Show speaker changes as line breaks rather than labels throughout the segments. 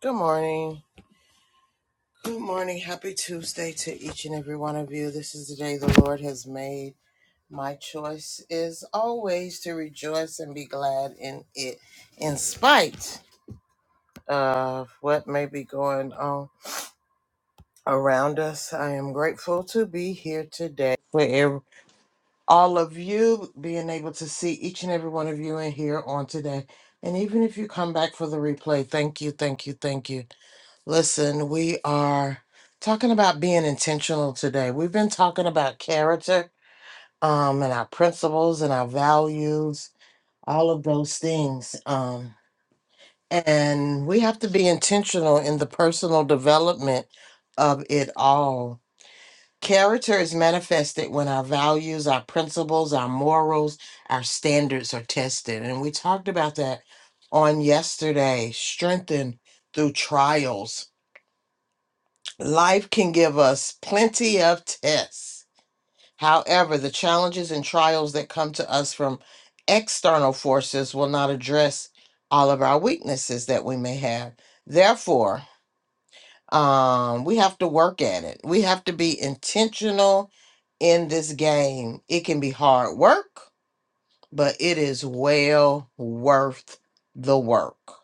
Good morning. Good morning. Happy Tuesday to each and every one of you. This is the day the Lord has made. My choice is always to rejoice and be glad in it, in spite of what may be going on around us. I am grateful to be here today for ev- all of you being able to see each and every one of you in here on today. And even if you come back for the replay, thank you, thank you, thank you. Listen, we are talking about being intentional today. We've been talking about character, um, and our principles and our values, all of those things. Um, and we have to be intentional in the personal development of it all. Character is manifested when our values, our principles, our morals, our standards are tested. And we talked about that on yesterday. Strengthened through trials Life can give us plenty of tests. However, the challenges and trials that come to us from external forces will not address all of our weaknesses that we may have. Therefore, um, we have to work at it. We have to be intentional in this game. It can be hard work, but it is well worth the work.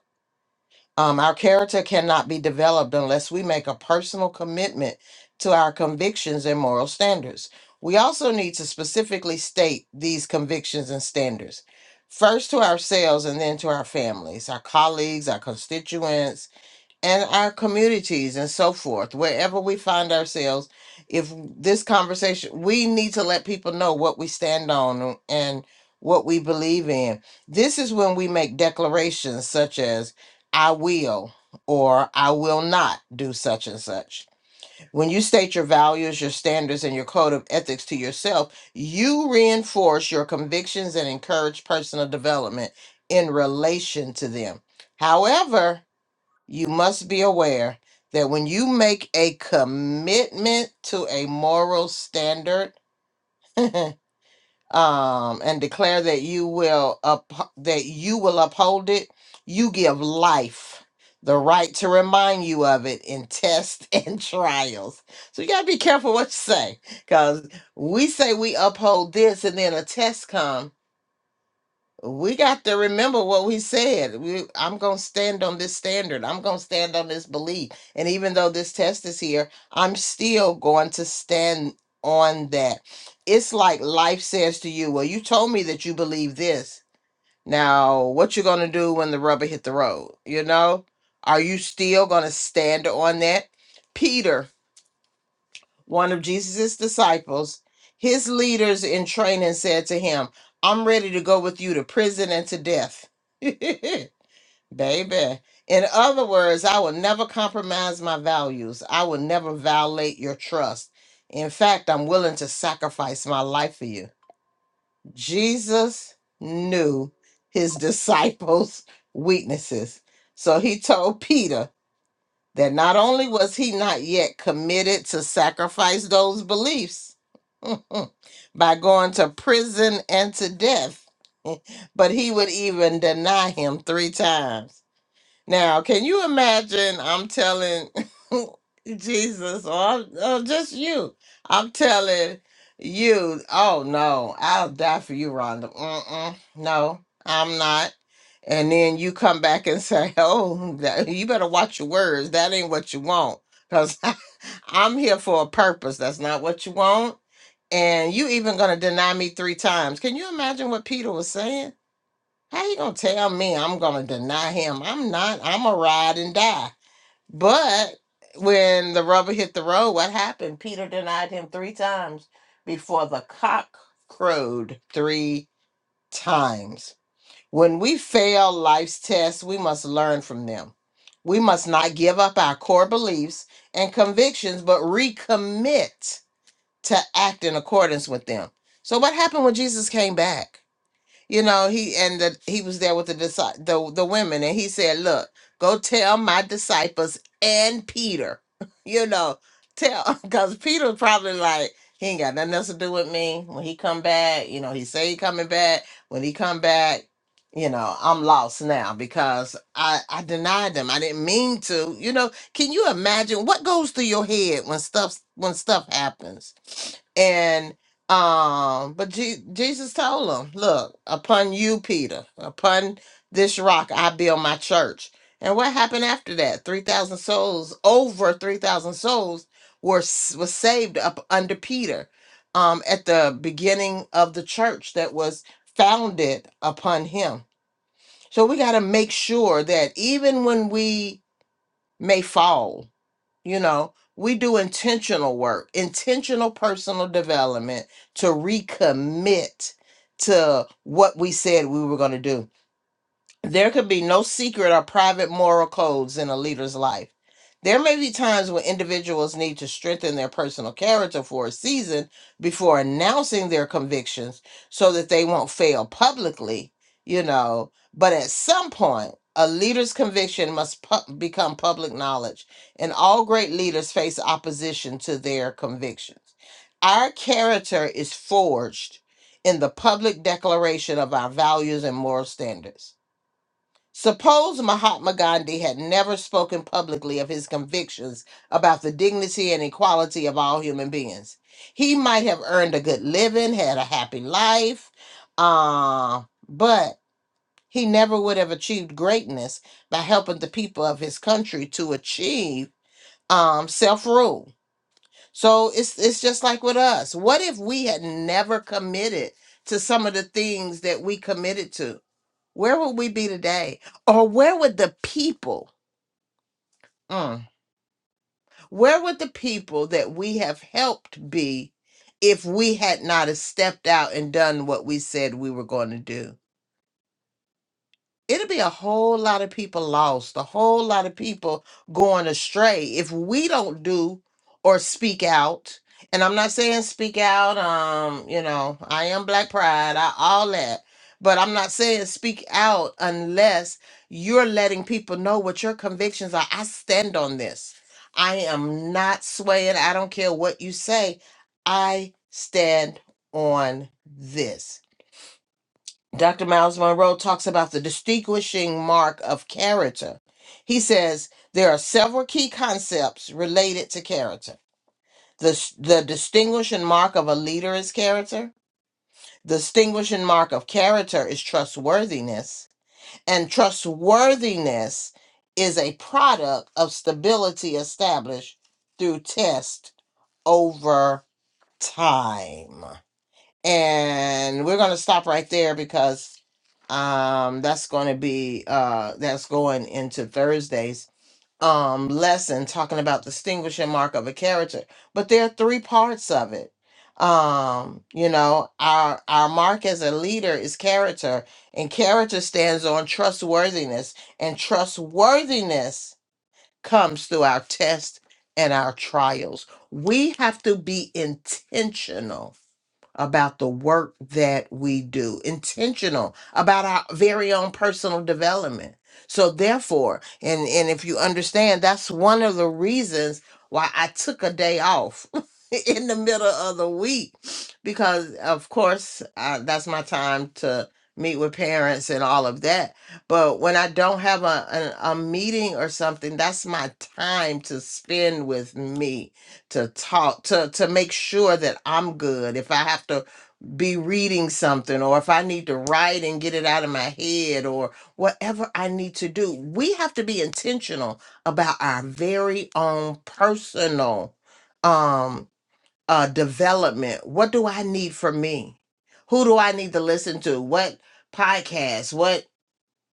Um, our character cannot be developed unless we make a personal commitment to our convictions and moral standards. We also need to specifically state these convictions and standards, first to ourselves and then to our families, our colleagues, our constituents, and our communities and so forth, wherever we find ourselves, if this conversation, we need to let people know what we stand on and what we believe in. This is when we make declarations such as, I will or I will not do such and such. When you state your values, your standards, and your code of ethics to yourself, you reinforce your convictions and encourage personal development in relation to them. However, you must be aware that when you make a commitment to a moral standard um, and declare that you will up, that you will uphold it, you give life the right to remind you of it in tests and trials. So you gotta be careful what you say, because we say we uphold this, and then a test comes we got to remember what we said. We, I'm going to stand on this standard. I'm going to stand on this belief. And even though this test is here, I'm still going to stand on that. It's like life says to you, well, you told me that you believe this. Now, what you going to do when the rubber hit the road? You know? Are you still going to stand on that? Peter one of Jesus' disciples, his leaders in training said to him, I'm ready to go with you to prison and to death. Baby. In other words, I will never compromise my values. I will never violate your trust. In fact, I'm willing to sacrifice my life for you. Jesus knew his disciples' weaknesses. So he told Peter, that not only was he not yet committed to sacrifice those beliefs by going to prison and to death, but he would even deny him three times. Now, can you imagine? I'm telling Jesus, or, I'm, or just you. I'm telling you, oh no, I'll die for you, Rhonda. Mm-mm, no, I'm not. And then you come back and say, oh, that, you better watch your words. That ain't what you want. Because I'm here for a purpose. That's not what you want. And you even going to deny me three times. Can you imagine what Peter was saying? How you gonna tell me I'm gonna deny him? I'm not. I'm a ride and die. But when the rubber hit the road, what happened? Peter denied him three times before the cock crowed three times. When we fail life's tests, we must learn from them. We must not give up our core beliefs and convictions, but recommit to act in accordance with them. So, what happened when Jesus came back? you know he and the, he was there with the, disci- the the women and he said look go tell my disciples and peter you know tell because peter probably like he ain't got nothing else to do with me when he come back you know he say he coming back when he come back you know i'm lost now because i i denied them i didn't mean to you know can you imagine what goes through your head when stuff when stuff happens um, but Je- Jesus told him, "Look, upon you, Peter, upon this rock, I build my church." And what happened after that? Three thousand souls, over three thousand souls, were s- was saved up under Peter, um, at the beginning of the church that was founded upon him. So we got to make sure that even when we may fall, you know, we do intentional work, intentional personal development to recommit to what we said we were going to do. There could be no secret or private moral codes in a leader's life. There may be times when individuals need to strengthen their personal character for a season before announcing their convictions so that they won't fail publicly, you know. But at some point, a leader's conviction must pu- become public knowledge, and all great leaders face opposition to their convictions. Our character is forged in the public declaration of our values and moral standards. Suppose Mahatma Gandhi had never spoken publicly of his convictions about the dignity and equality of all human beings. He might have earned a good living, had a happy life, uh, but he never would have achieved greatness by helping the people of his country to achieve um, self rule. So it's, it's just like with us. What if we had never committed to some of the things that we committed to? Where would we be today? Or where would the people, mm, where would the people that we have helped be if we had not have stepped out and done what we said we were going to do? it'll be a whole lot of people lost, a whole lot of people going astray if we don't do or speak out. And I'm not saying speak out, um, you know, I am black pride, I, all that. But I'm not saying speak out unless you're letting people know what your convictions are. I stand on this. I am not swaying. I don't care what you say. I stand on this Dr. Miles Monroe talks about the distinguishing mark of character. He says there are several key concepts related to character. The, the distinguishing mark of a leader is character. The distinguishing mark of character is trustworthiness. And trustworthiness is a product of stability established through test over time. And we're going to stop right there because um that's going to be uh that's going into thursday's um lesson talking about distinguishing mark of a character but there are three parts of it um you know our our mark as a leader is character and character stands on trustworthiness and trustworthiness comes through our tests and our trials we have to be intentional about the work that we do, intentional about our very own personal development. So therefore, and and if you understand, that's one of the reasons why I took a day off in the middle of the week because of course, uh, that's my time to meet with parents and all of that. But when I don't have a, a a meeting or something, that's my time to spend with me to talk to to make sure that I'm good if I have to be reading something or if I need to write and get it out of my head or whatever I need to do. We have to be intentional about our very own personal um uh development. What do I need from me? Who do I need to listen to? What podcast? What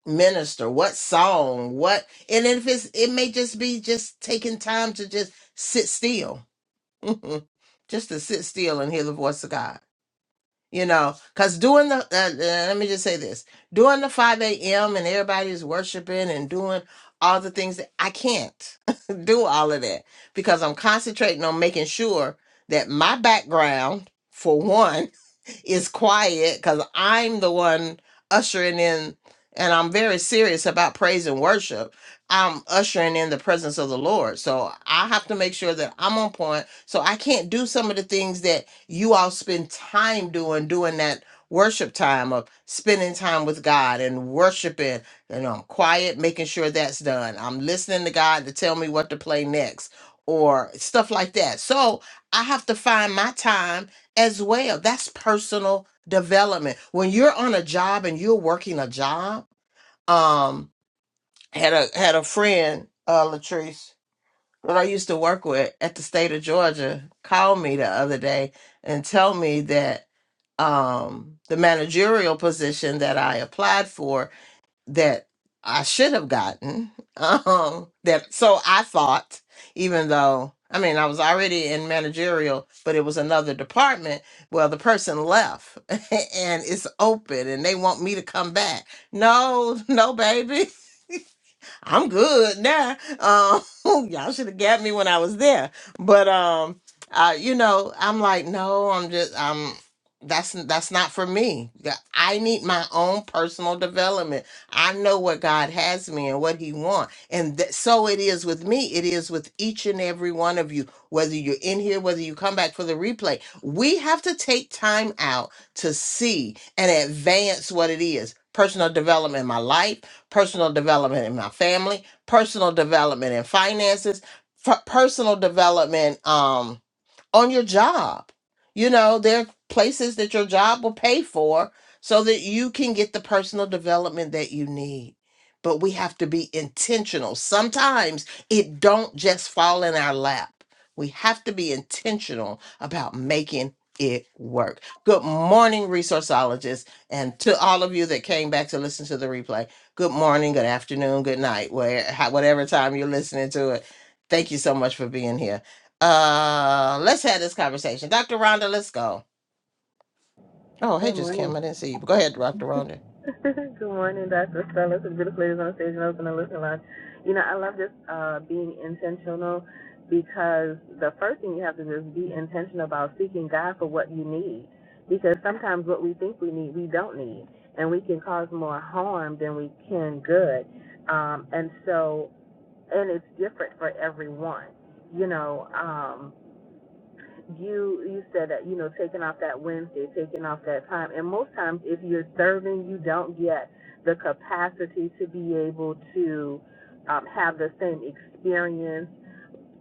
minister? What song? What and if it's it may just be just taking time to just sit still. just to sit still and hear the voice of God. You know, because doing the, uh, uh, let me just say this doing the 5 a.m. and everybody's worshiping and doing all the things that I can't do all of that because I'm concentrating on making sure that my background, for one, is quiet because I'm the one ushering in, and I'm very serious about praise and worship. I'm ushering in the presence of the Lord. So I have to make sure that I'm on point. So I can't do some of the things that you all spend time doing, doing that worship time of spending time with God and worshiping. And I'm quiet, making sure that's done. I'm listening to God to tell me what to play next or stuff like that. So I have to find my time as well. That's personal development. When you're on a job and you're working a job, um, had a had a friend, uh, Latrice, that I used to work with at the state of Georgia, call me the other day and tell me that um the managerial position that I applied for that I should have gotten. Um, that so I thought, even though I mean I was already in managerial, but it was another department. Well, the person left, and it's open, and they want me to come back. No, no, baby. I'm good now. Um, y'all should have got me when I was there. But um, uh, you know, I'm like, no, I'm just, I'm. That's that's not for me. Yeah, I need my own personal development. I know what God has me and what He wants, and th- so it is with me. It is with each and every one of you, whether you're in here, whether you come back for the replay. We have to take time out to see and advance what it is. Personal development in my life personal development in my family, personal development in finances, f- personal development. Um, on your job. You know, there are places that your job will pay for so that you can get the personal development that you need. But we have to be intentional. Sometimes it don't just fall in our lap. We have to be intentional about making it work. Good morning, resourceologists, and to all of you that came back to listen to the replay. Good morning, good afternoon, good night, where how- whatever time you're listening to it. Thank you so much for being here. Uh, let's have this conversation. Dr. Rhonda, let's go. Oh, hey,
Good
just Kim.
morning.
I didn't see you. But Go ahead, Dr. Rhonda.
Good morning, Dr. Stella. Some beautiful ladies on the stage and open the listening lounge. You know, I love just uh, being intentional because the first thing you have to do is be intentional about seeking God for what you need. Because sometimes what we think we need, we don't need. And we can cause more harm than we can good. Um, and so, and it's different for everyone. You know, um, you you said that you know taking off that Wednesday, taking off that time, and most times if you're serving, you don't get the capacity to be able to um, have the same experience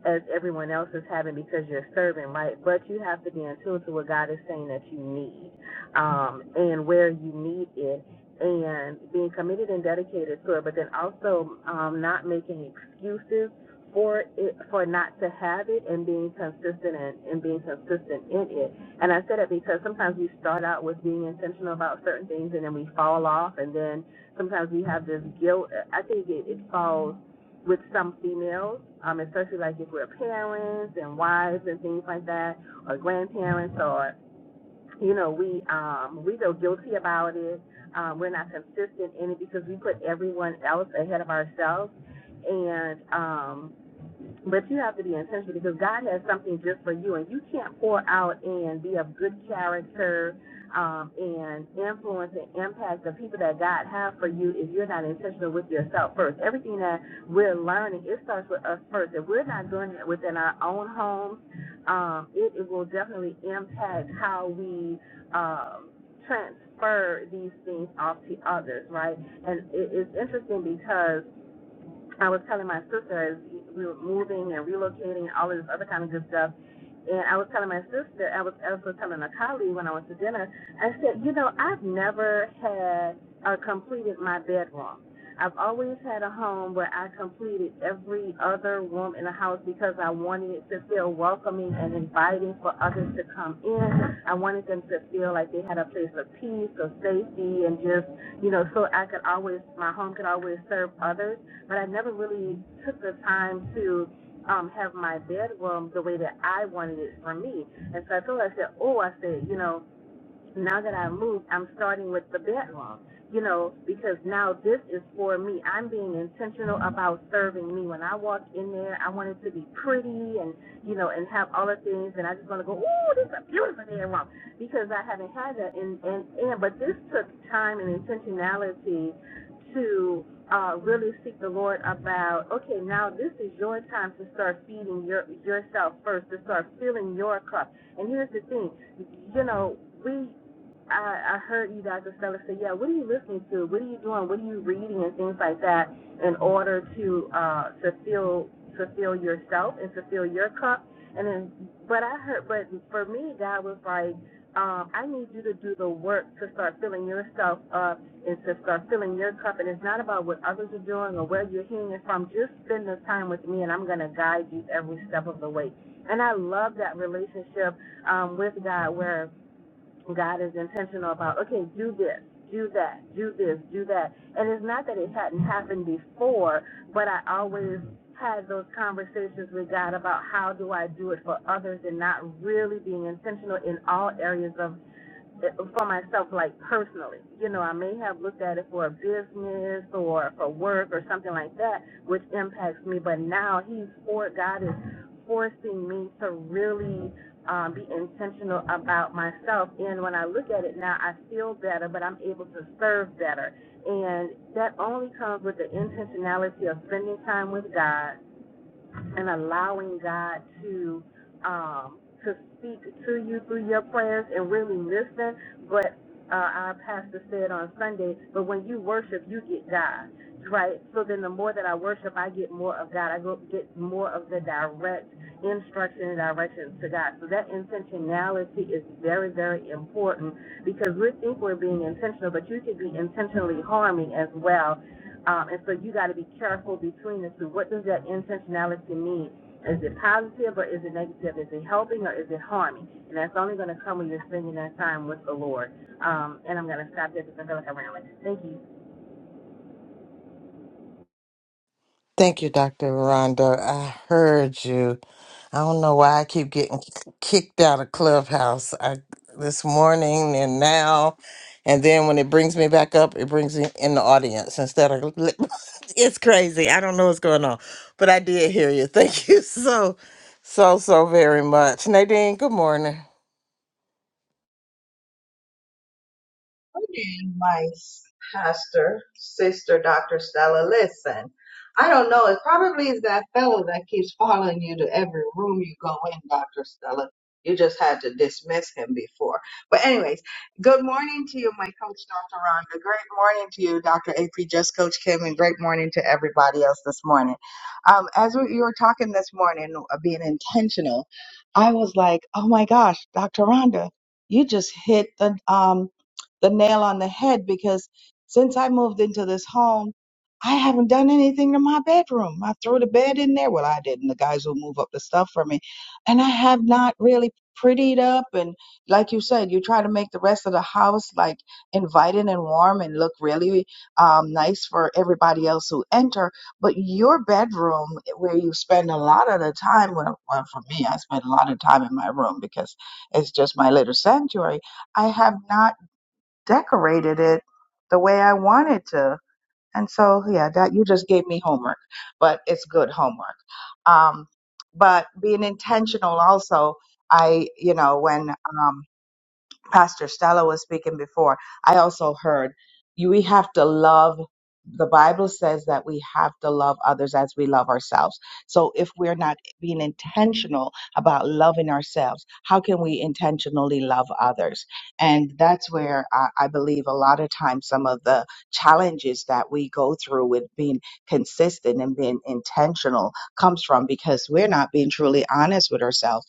as everyone else is having because you're serving, right? But you have to be in tune to what God is saying that you need um, and where you need it and being committed and dedicated to it, but then also um, not making excuses for it for not to have it and being consistent and, and being consistent in it. And I said it because sometimes we start out with being intentional about certain things and then we fall off and then sometimes we have this guilt. I think it, it falls with some females, um, especially like if we're parents and wives and things like that, or grandparents, or you know, we um, we feel guilty about it. Um, we're not consistent in it because we put everyone else ahead of ourselves, and um, but you have to be intentional because God has something just for you, and you can't pour out and be of good character um, and influence and impact the people that God has for you if you're not intentional with yourself first. Everything that we're learning, it starts with us first. If we're not doing it within our own homes, um, it, it will definitely impact how we um, transfer these things off to others, right? And it, it's interesting because I was telling my sister as we were moving and relocating and all this other kind of good stuff. And I was telling my sister, I was also telling a colleague when I went to dinner, I said, you know, I've never had or completed my bedroom. I've always had a home where I completed every other room in the house because I wanted it to feel welcoming and inviting for others to come in. I wanted them to feel like they had a place of peace, of safety, and just, you know, so I could always, my home could always serve others but I never really took the time to um have my bedroom the way that I wanted it for me. And so I told her, I said, Oh, I said, you know, now that I've moved, I'm starting with the bedroom, you know, because now this is for me. I'm being intentional about serving me. When I walk in there, I want it to be pretty and, you know, and have all the things, and I just want to go, oh, this is a beautiful bedroom, because I haven't had that. And, and, and, but this took time and intentionality to uh, really seek the Lord about, okay, now this is your time to start feeding your yourself first, to start filling your cup. And here's the thing, you know, we I, I heard you guys, Estella, say, yeah, what are you listening to? What are you doing? What are you reading and things like that in order to uh, fulfill fulfill yourself and fulfill your cup? And then, but I heard, but for me, God was like, um, I need you to do the work to start filling yourself up and to start filling your cup. And it's not about what others are doing or where you're hearing it from. Just spend the time with me, and I'm going to guide you every step of the way. And I love that relationship um, with God where God is intentional about, okay, do this, do that, do this, do that. And it's not that it hadn't happened before, but I always had those conversations with God about how do I do it for others and not really being intentional in all areas of for myself, like personally. You know, I may have looked at it for a business or for work or something like that, which impacts me. But now He's for God is forcing me to really um, be intentional about myself. And when I look at it now, I feel better, but I'm able to serve better. And that only comes with the intentionality of spending time with God and allowing God to um, to speak to you through your prayers and really listen. But uh, our pastor said on Sunday, but when you worship, you get God, right? So then the more that I worship, I get more of God. I go get more of the direct instruction and directions to God. So that intentionality is very, very important because we think we're being intentional, but you could be intentionally harming as well um, and so you got to be careful between the two. What does that intentionality mean? Is it positive or is it negative? Is it helping or is it harming? And that's only going to come when you're spending that time with the Lord. Um, and I'm going to stop there because I feel like I'm rambling. Thank you.
Thank you, Dr. Rhonda. I heard you. I don't know why I keep getting kicked out of Clubhouse I, this morning and now. And then when it brings me back up, it brings me in the audience instead of. It's crazy. I don't know what's going on, but I did hear you. Thank you so, so, so very much. Nadine, good morning.
morning, my pastor, sister, Dr. Stella. Listen, I don't know. It probably is that fellow that keeps following you to every room you go in, Dr. Stella. You just had to dismiss him before. But, anyways, good morning to you, my coach, Dr. Rhonda. Great morning to you, Dr. AP, just Coach Kim, and great morning to everybody else this morning. Um, as we you were talking this morning, uh, being intentional, I was like, oh my gosh, Dr. Rhonda, you just hit the um, the nail on the head because since I moved into this home, I haven't done anything to my bedroom. I threw the bed in there. Well, I didn't. The guys will move up the stuff for me. And I have not really prettied up. And like you said, you try to make the rest of the house like inviting and warm and look really um, nice for everybody else who enter. But your bedroom, eh, where you spend a lot of the time, well, well for me, I spend a lot of time in my room because it's just my little sanctuary. I have not decorated it the way I wanted to. And so, yeah, that you just gave me homework, but it's good homework. Um, but being intentional also, I, you know, when um, Pastor Stella was speaking before, I also heard you, we have to love. The Bible says that we have to love others as we love ourselves. So if we're not being intentional about loving ourselves, how can we intentionally love others? And that's where I, I believe a lot of times some of the challenges that we go through with being consistent and being intentional comes from because we're not being truly honest with ourselves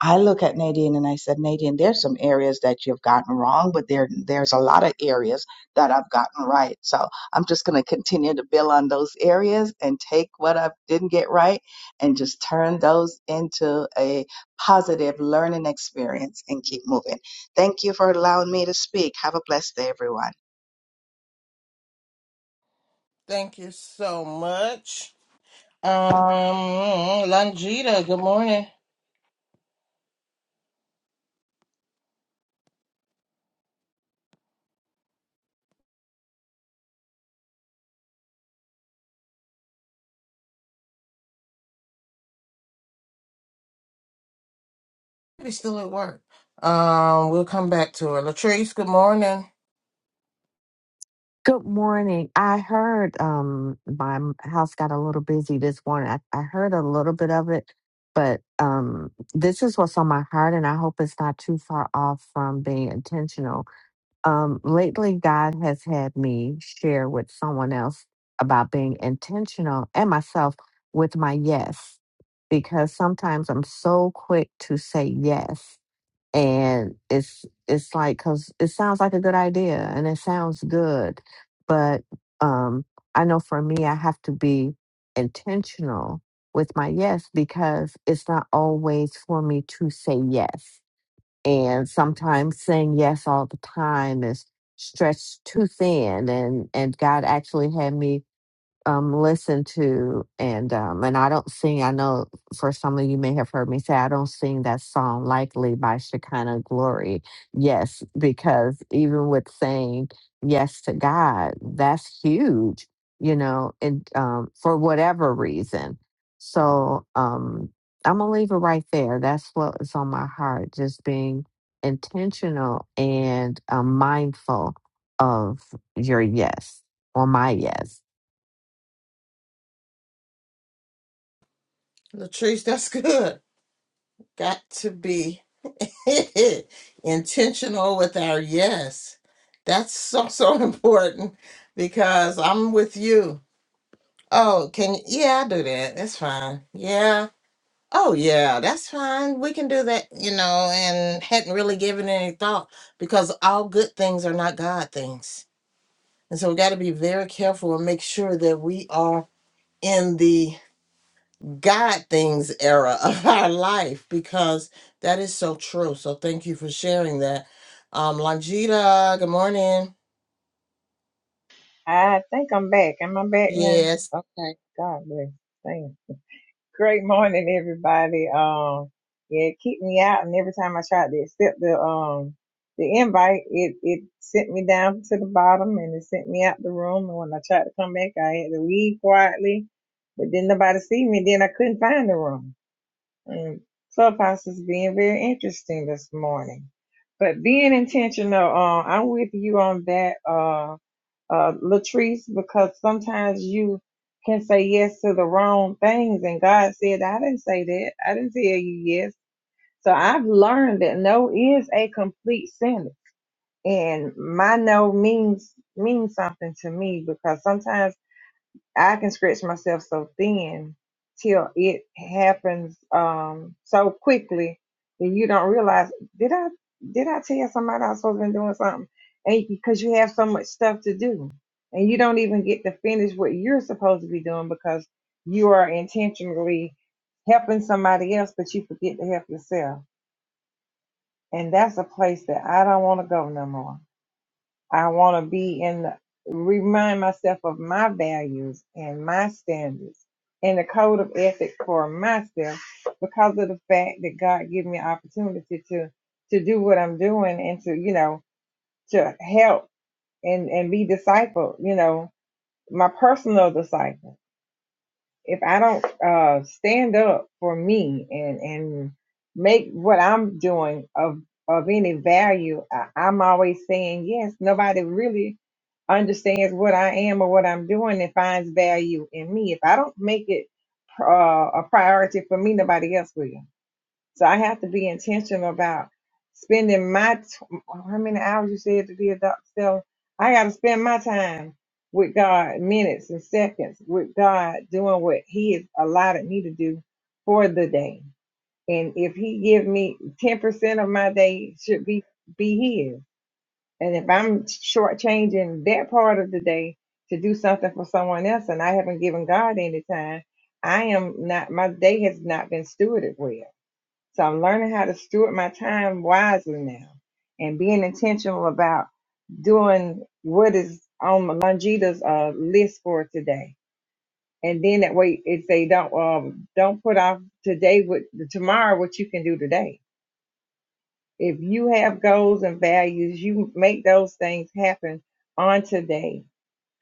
I look at Nadine and I said, Nadine, there's some areas that you've gotten wrong, but there there's a lot of areas that I've gotten right. So I'm just going to continue to build on those areas and take what I didn't get right and just turn those into a positive learning experience and keep moving. Thank you for allowing me to speak. Have a blessed day, everyone.
Thank you so much. Um, Langita, good morning. She's still at work. Um, we'll come back to her. Latrice, good morning.
Good morning. I heard um my m- house got a little busy this morning. I, I heard a little bit of it, but um this is what's on my heart and I hope it's not too far off from being intentional. Um lately God has had me share with someone else about being intentional and myself with my yes because sometimes I'm so quick to say yes and it's it's like because it sounds like a good idea and it sounds good but um i know for me i have to be intentional with my yes because it's not always for me to say yes and sometimes saying yes all the time is stretched too thin and and god actually had me um listen to and um and I don't sing I know for some of you may have heard me say I don't sing that song likely by Shekinah Glory. Yes, because even with saying yes to God, that's huge, you know, and um for whatever reason. So um I'm gonna leave it right there. That's what is on my heart, just being intentional and um, mindful of your yes or my yes.
Latrice, that's good. got to be intentional with our yes. That's so so important because I'm with you. Oh, can you? Yeah, I do that. That's fine. Yeah. Oh, yeah, that's fine. We can do that, you know, and hadn't really given it any thought because all good things are not God things. And so we got to be very careful and make sure that we are in the God things era of our life because that is so true. So thank you for sharing that. Um Lanjita, good morning.
I think I'm back. Am I back now?
Yes.
Okay. God bless. Thank you. Great morning, everybody. Um, yeah, it kicked me out, and every time I tried to accept the um the invite, it it sent me down to the bottom, and it sent me out the room. And when I tried to come back, I had to leave quietly, but then nobody see me. Then I couldn't find the room. And Clubhouse is being very interesting this morning. But being intentional, uh, I'm with you on that. Um uh, Latrice, because sometimes you can say yes to the wrong things. And God said, I didn't say that. I didn't tell you yes. So I've learned that no is a complete sentence. And my no means means something to me because sometimes I can stretch myself so thin till it happens um so quickly that you don't realize did I did I tell somebody I was supposed to be doing something? And because you have so much stuff to do and you don't even get to finish what you're supposed to be doing because you are intentionally helping somebody else but you forget to help yourself. And that's a place that I don't want to go no more. I want to be in the, remind myself of my values and my standards and the code of ethic for myself because of the fact that God gave me opportunity to to do what I'm doing and to you know to help and and be disciple you know my personal disciple if I don't uh, stand up for me and and make what I'm doing of of any value, I, I'm always saying yes. Nobody really understands what I am or what I'm doing and finds value in me. If I don't make it uh, a priority for me, nobody else will. So I have to be intentional about spending my t- how many hours you said to be a doctor. So I got to spend my time with God, minutes and seconds with God, doing what He has allotted me to do for the day. And if He give me ten percent of my day, should be be His. And if I'm shortchanging that part of the day to do something for someone else, and I haven't given God any time, I am not. My day has not been stewarded well. So I'm learning how to steward my time wisely now and being intentional about doing what is on Longita's uh, list for today. And then that way it say don't um don't put off today with tomorrow what you can do today. If you have goals and values, you make those things happen on today.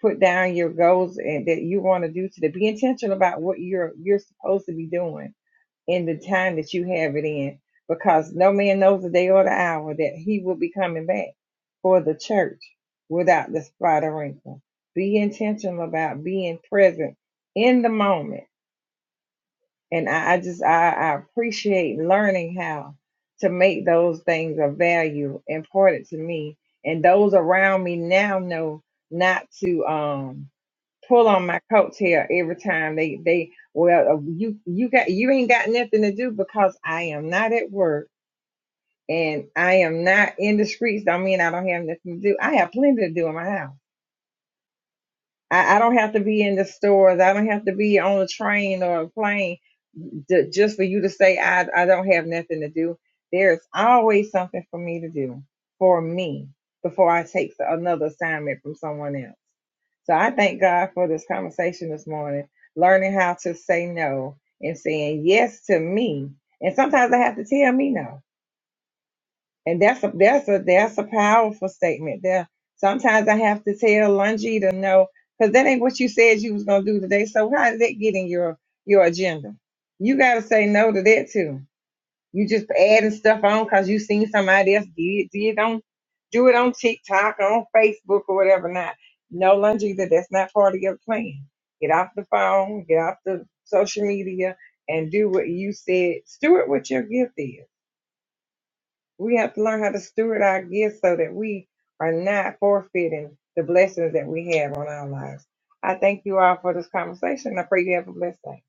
Put down your goals and that you want to do today. Be intentional about what you're you're supposed to be doing in the time that you have it in, because no man knows the day or the hour that he will be coming back for the church without the spot or wrinkle. Be intentional about being present in the moment. And I, I just I, I appreciate learning how to make those things of value important to me. And those around me now know not to um pull on my coattail every time they they well uh, you you got you ain't got nothing to do because I am not at work and I am not in the streets. Don't mean I don't have nothing to do. I have plenty to do in my house. I, I don't have to be in the stores. I don't have to be on a train or a plane d- just for you to say I I don't have nothing to do. There's always something for me to do for me before I take another assignment from someone else. So I thank God for this conversation this morning, learning how to say no and saying yes to me. And sometimes I have to tell me no. And that's a that's a that's a powerful statement there. Sometimes I have to tell Lungi to no, because that ain't what you said you was gonna do today. So how did that get in your your agenda? You gotta say no to that too you just adding stuff on because you seen somebody else did did on do it on TikTok or on Facebook or whatever. Not no Longita, that's not part of your plan. Get off the phone, get off the social media, and do what you said. Steward what your gift is. We have to learn how to steward our gifts so that we are not forfeiting the blessings that we have on our lives. I thank you all for this conversation. I pray you have a blessed day.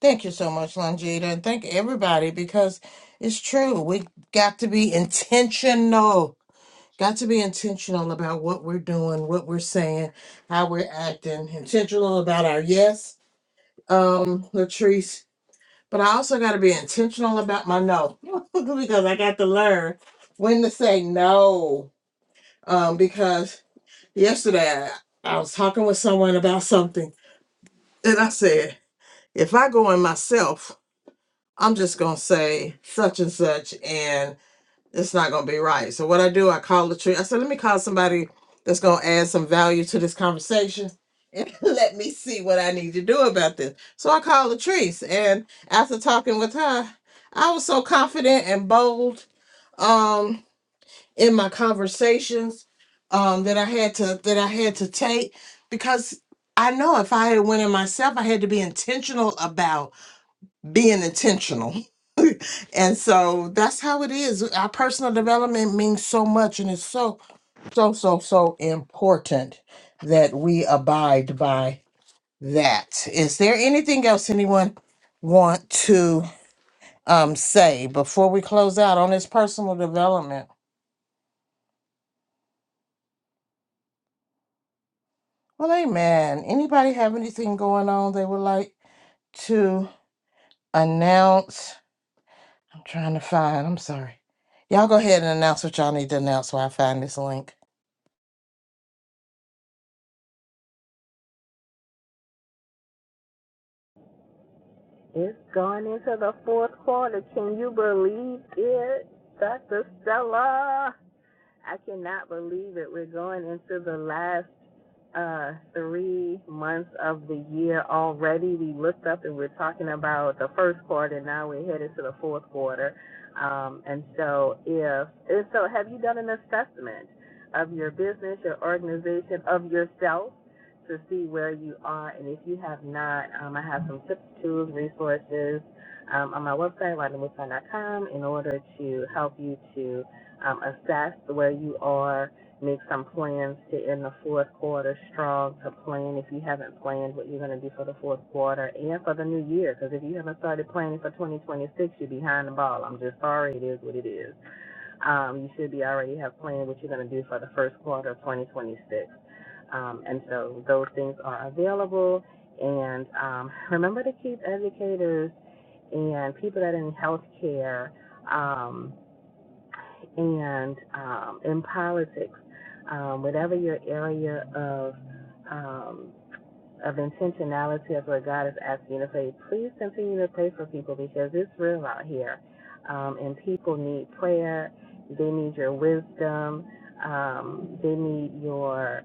Thank you so much, Longita, and thank everybody because it's true. We got to be intentional. Got to be intentional about what we're doing, what we're saying, how we're acting, intentional about our yes. Um, Latrice But I also got to be intentional about my no because I got to learn when to say no. Um, because yesterday I, I was talking with someone about something, and I said, if I go in myself, I'm just gonna say such and such, and it's not gonna be right. So what I do, I call the tree. I said, let me call somebody that's gonna add some value to this conversation and let me see what I need to do about this. So I called Latrice and after talking with her, I was so confident and bold um in my conversations um that I had to that I had to take because I know if I had went in myself, I had to be intentional about being intentional. and so that's how it is. Our personal development means so much and it's so, so, so, so important that we abide by that. Is there anything else anyone want to um say before we close out on this personal development? Well, amen. Anybody have anything going on they would like to announce? I'm trying to find, I'm sorry. Y'all go ahead and announce what y'all need to announce while I find this link.
It's gone into the fourth quarter. Can you believe it, Dr. Stella? I cannot believe it. We're going into the last uh, three months of the year already. We looked up and we're talking about the first quarter. Now we're headed to the fourth quarter. Um, and so, if and so, have you done an assessment of your business, your organization, of yourself to see where you are? And if you have not, um, I have some tips, tools, resources um, on my website, WandaMusan.com, in order to help you to um, assess where you are, make some plans to end the fourth quarter strong, to plan if you haven't planned what you're going to do for the fourth quarter and for the new year. Because if you haven't started planning for 2026, you're behind the ball. I'm just sorry, it is what it is. Um, you should be already have planned what you're going to do for the first quarter of 2026. Um, and so those things are available. And um, remember to keep educators and people that are in healthcare. Um, and um, in politics, um, whatever your area of um, of intentionality of what God is asking you to pray. Please continue to pray for people because it's real out here. Um, and people need prayer. They need your wisdom. Um, they need your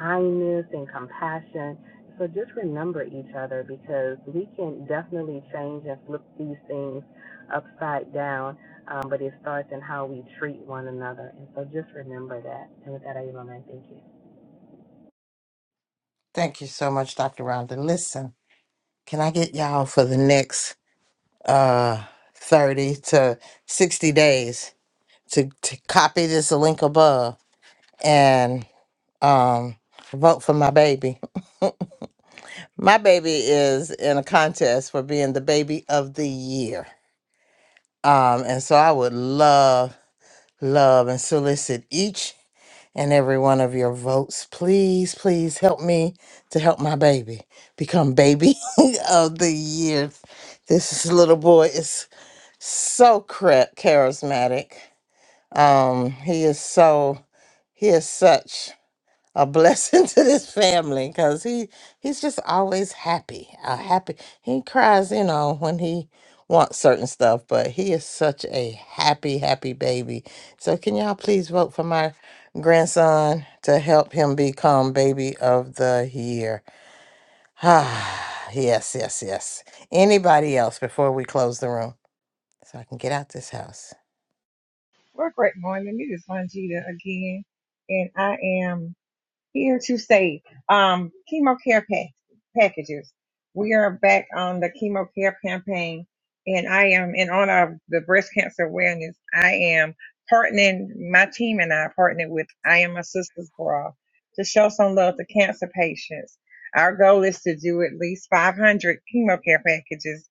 kindness and compassion. So just remember each other because we can definitely change and flip these things upside down. Um, but it starts in how we treat one another. And so just remember that. And with that, I yield my mic. Thank you.
Thank you so much, Dr. Rhonda. Listen, can I get y'all for the next uh 30 to 60 days to, to copy this link above and um vote for my baby. My baby is in a contest for being the baby of the year. Um and so I would love love and solicit each and every one of your votes. Please, please help me to help my baby become baby of the year. This little boy is so chara- charismatic. Um, he is so he is such a blessing to this family because he he's just always happy a happy he cries you know when he wants certain stuff but he is such a happy happy baby so can y'all please vote for my grandson to help him become baby of the year ah yes yes yes anybody else before we close the room so i can get out this house
Well, great morning. It is Longita again, and I am. here to say um, chemo care pack- packages. We are back on the chemo care campaign, and I am in honor of the breast cancer awareness. I am partnering my team and I are partnered with I Am a Sister's Bra to show some love to cancer patients. Our goal is to do at least 500 chemo care packages,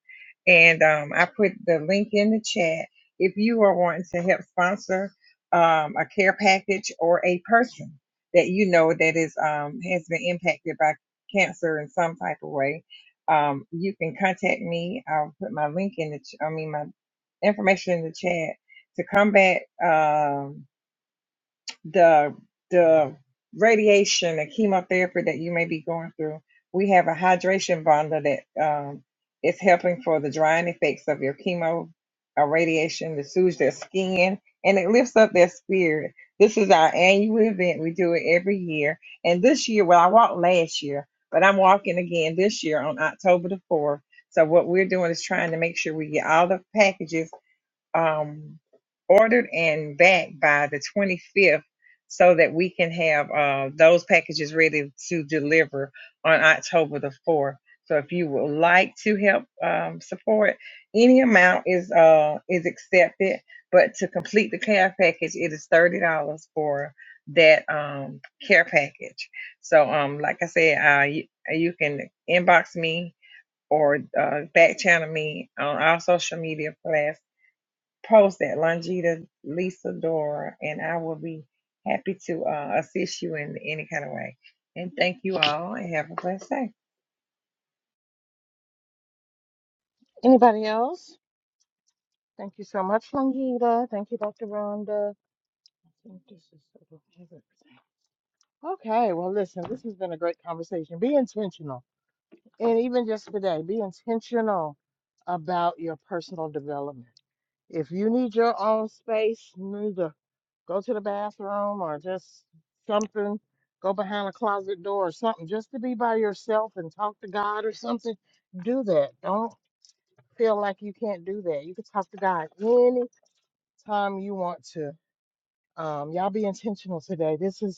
and um, I put the link in the chat. If you are wanting to help sponsor um, a care package or a person, that you know that is um, has been impacted by cancer in some type of way, um, you can contact me. I'll put my link in the, ch- I mean my information in the chat to come back. Um, the the radiation, the chemotherapy that you may be going through, we have a hydration bundle that um, is helping for the drying effects of your chemo uh, radiation to soothe their skin and it lifts up their spirit. This is our annual event. We do it every year. And this year, well, I walked last year, but I'm walking again this year on October the 4th. So what we're doing is trying to make sure we get all the packages um, ordered and back by the 25th so that we can have uh, those packages ready to deliver on October the 4th. So if you would like to help um, support, any amount is uh, is accepted, but to complete the care package, it is thirty dollars for that um, care package. So um, like I said, uh, you, you can inbox me or uh, back channel me on our social media plas- post that Longita Lisa Dora, and I will be happy to uh, assist you in any kind of way. And thank you all, and have a blessed day.
Anybody else? Thank you so much, Longita. Thank you, Dr. Rhonda. I think this is sort of everything. Okay, well, listen, this has been a great conversation. Be intentional. And even just today, be intentional about your personal development. If you need your own space, you need to go to the bathroom or just something, go behind a closet door or something, just to be by yourself and talk to God or something, do that. Don't feel like you can't do that. You can talk to God anytime you want to. Um, y'all be intentional today. This is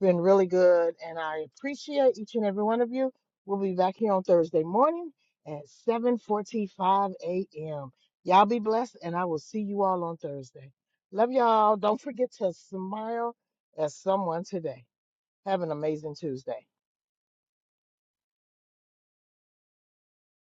been really good, and I appreciate each and every one of you. We'll be back here on Thursday morning at 7:45 a.m. Y'all be blessed, and I will see you all on Thursday. Love y'all. Don't forget to smile at someone today. Have an amazing Tuesday.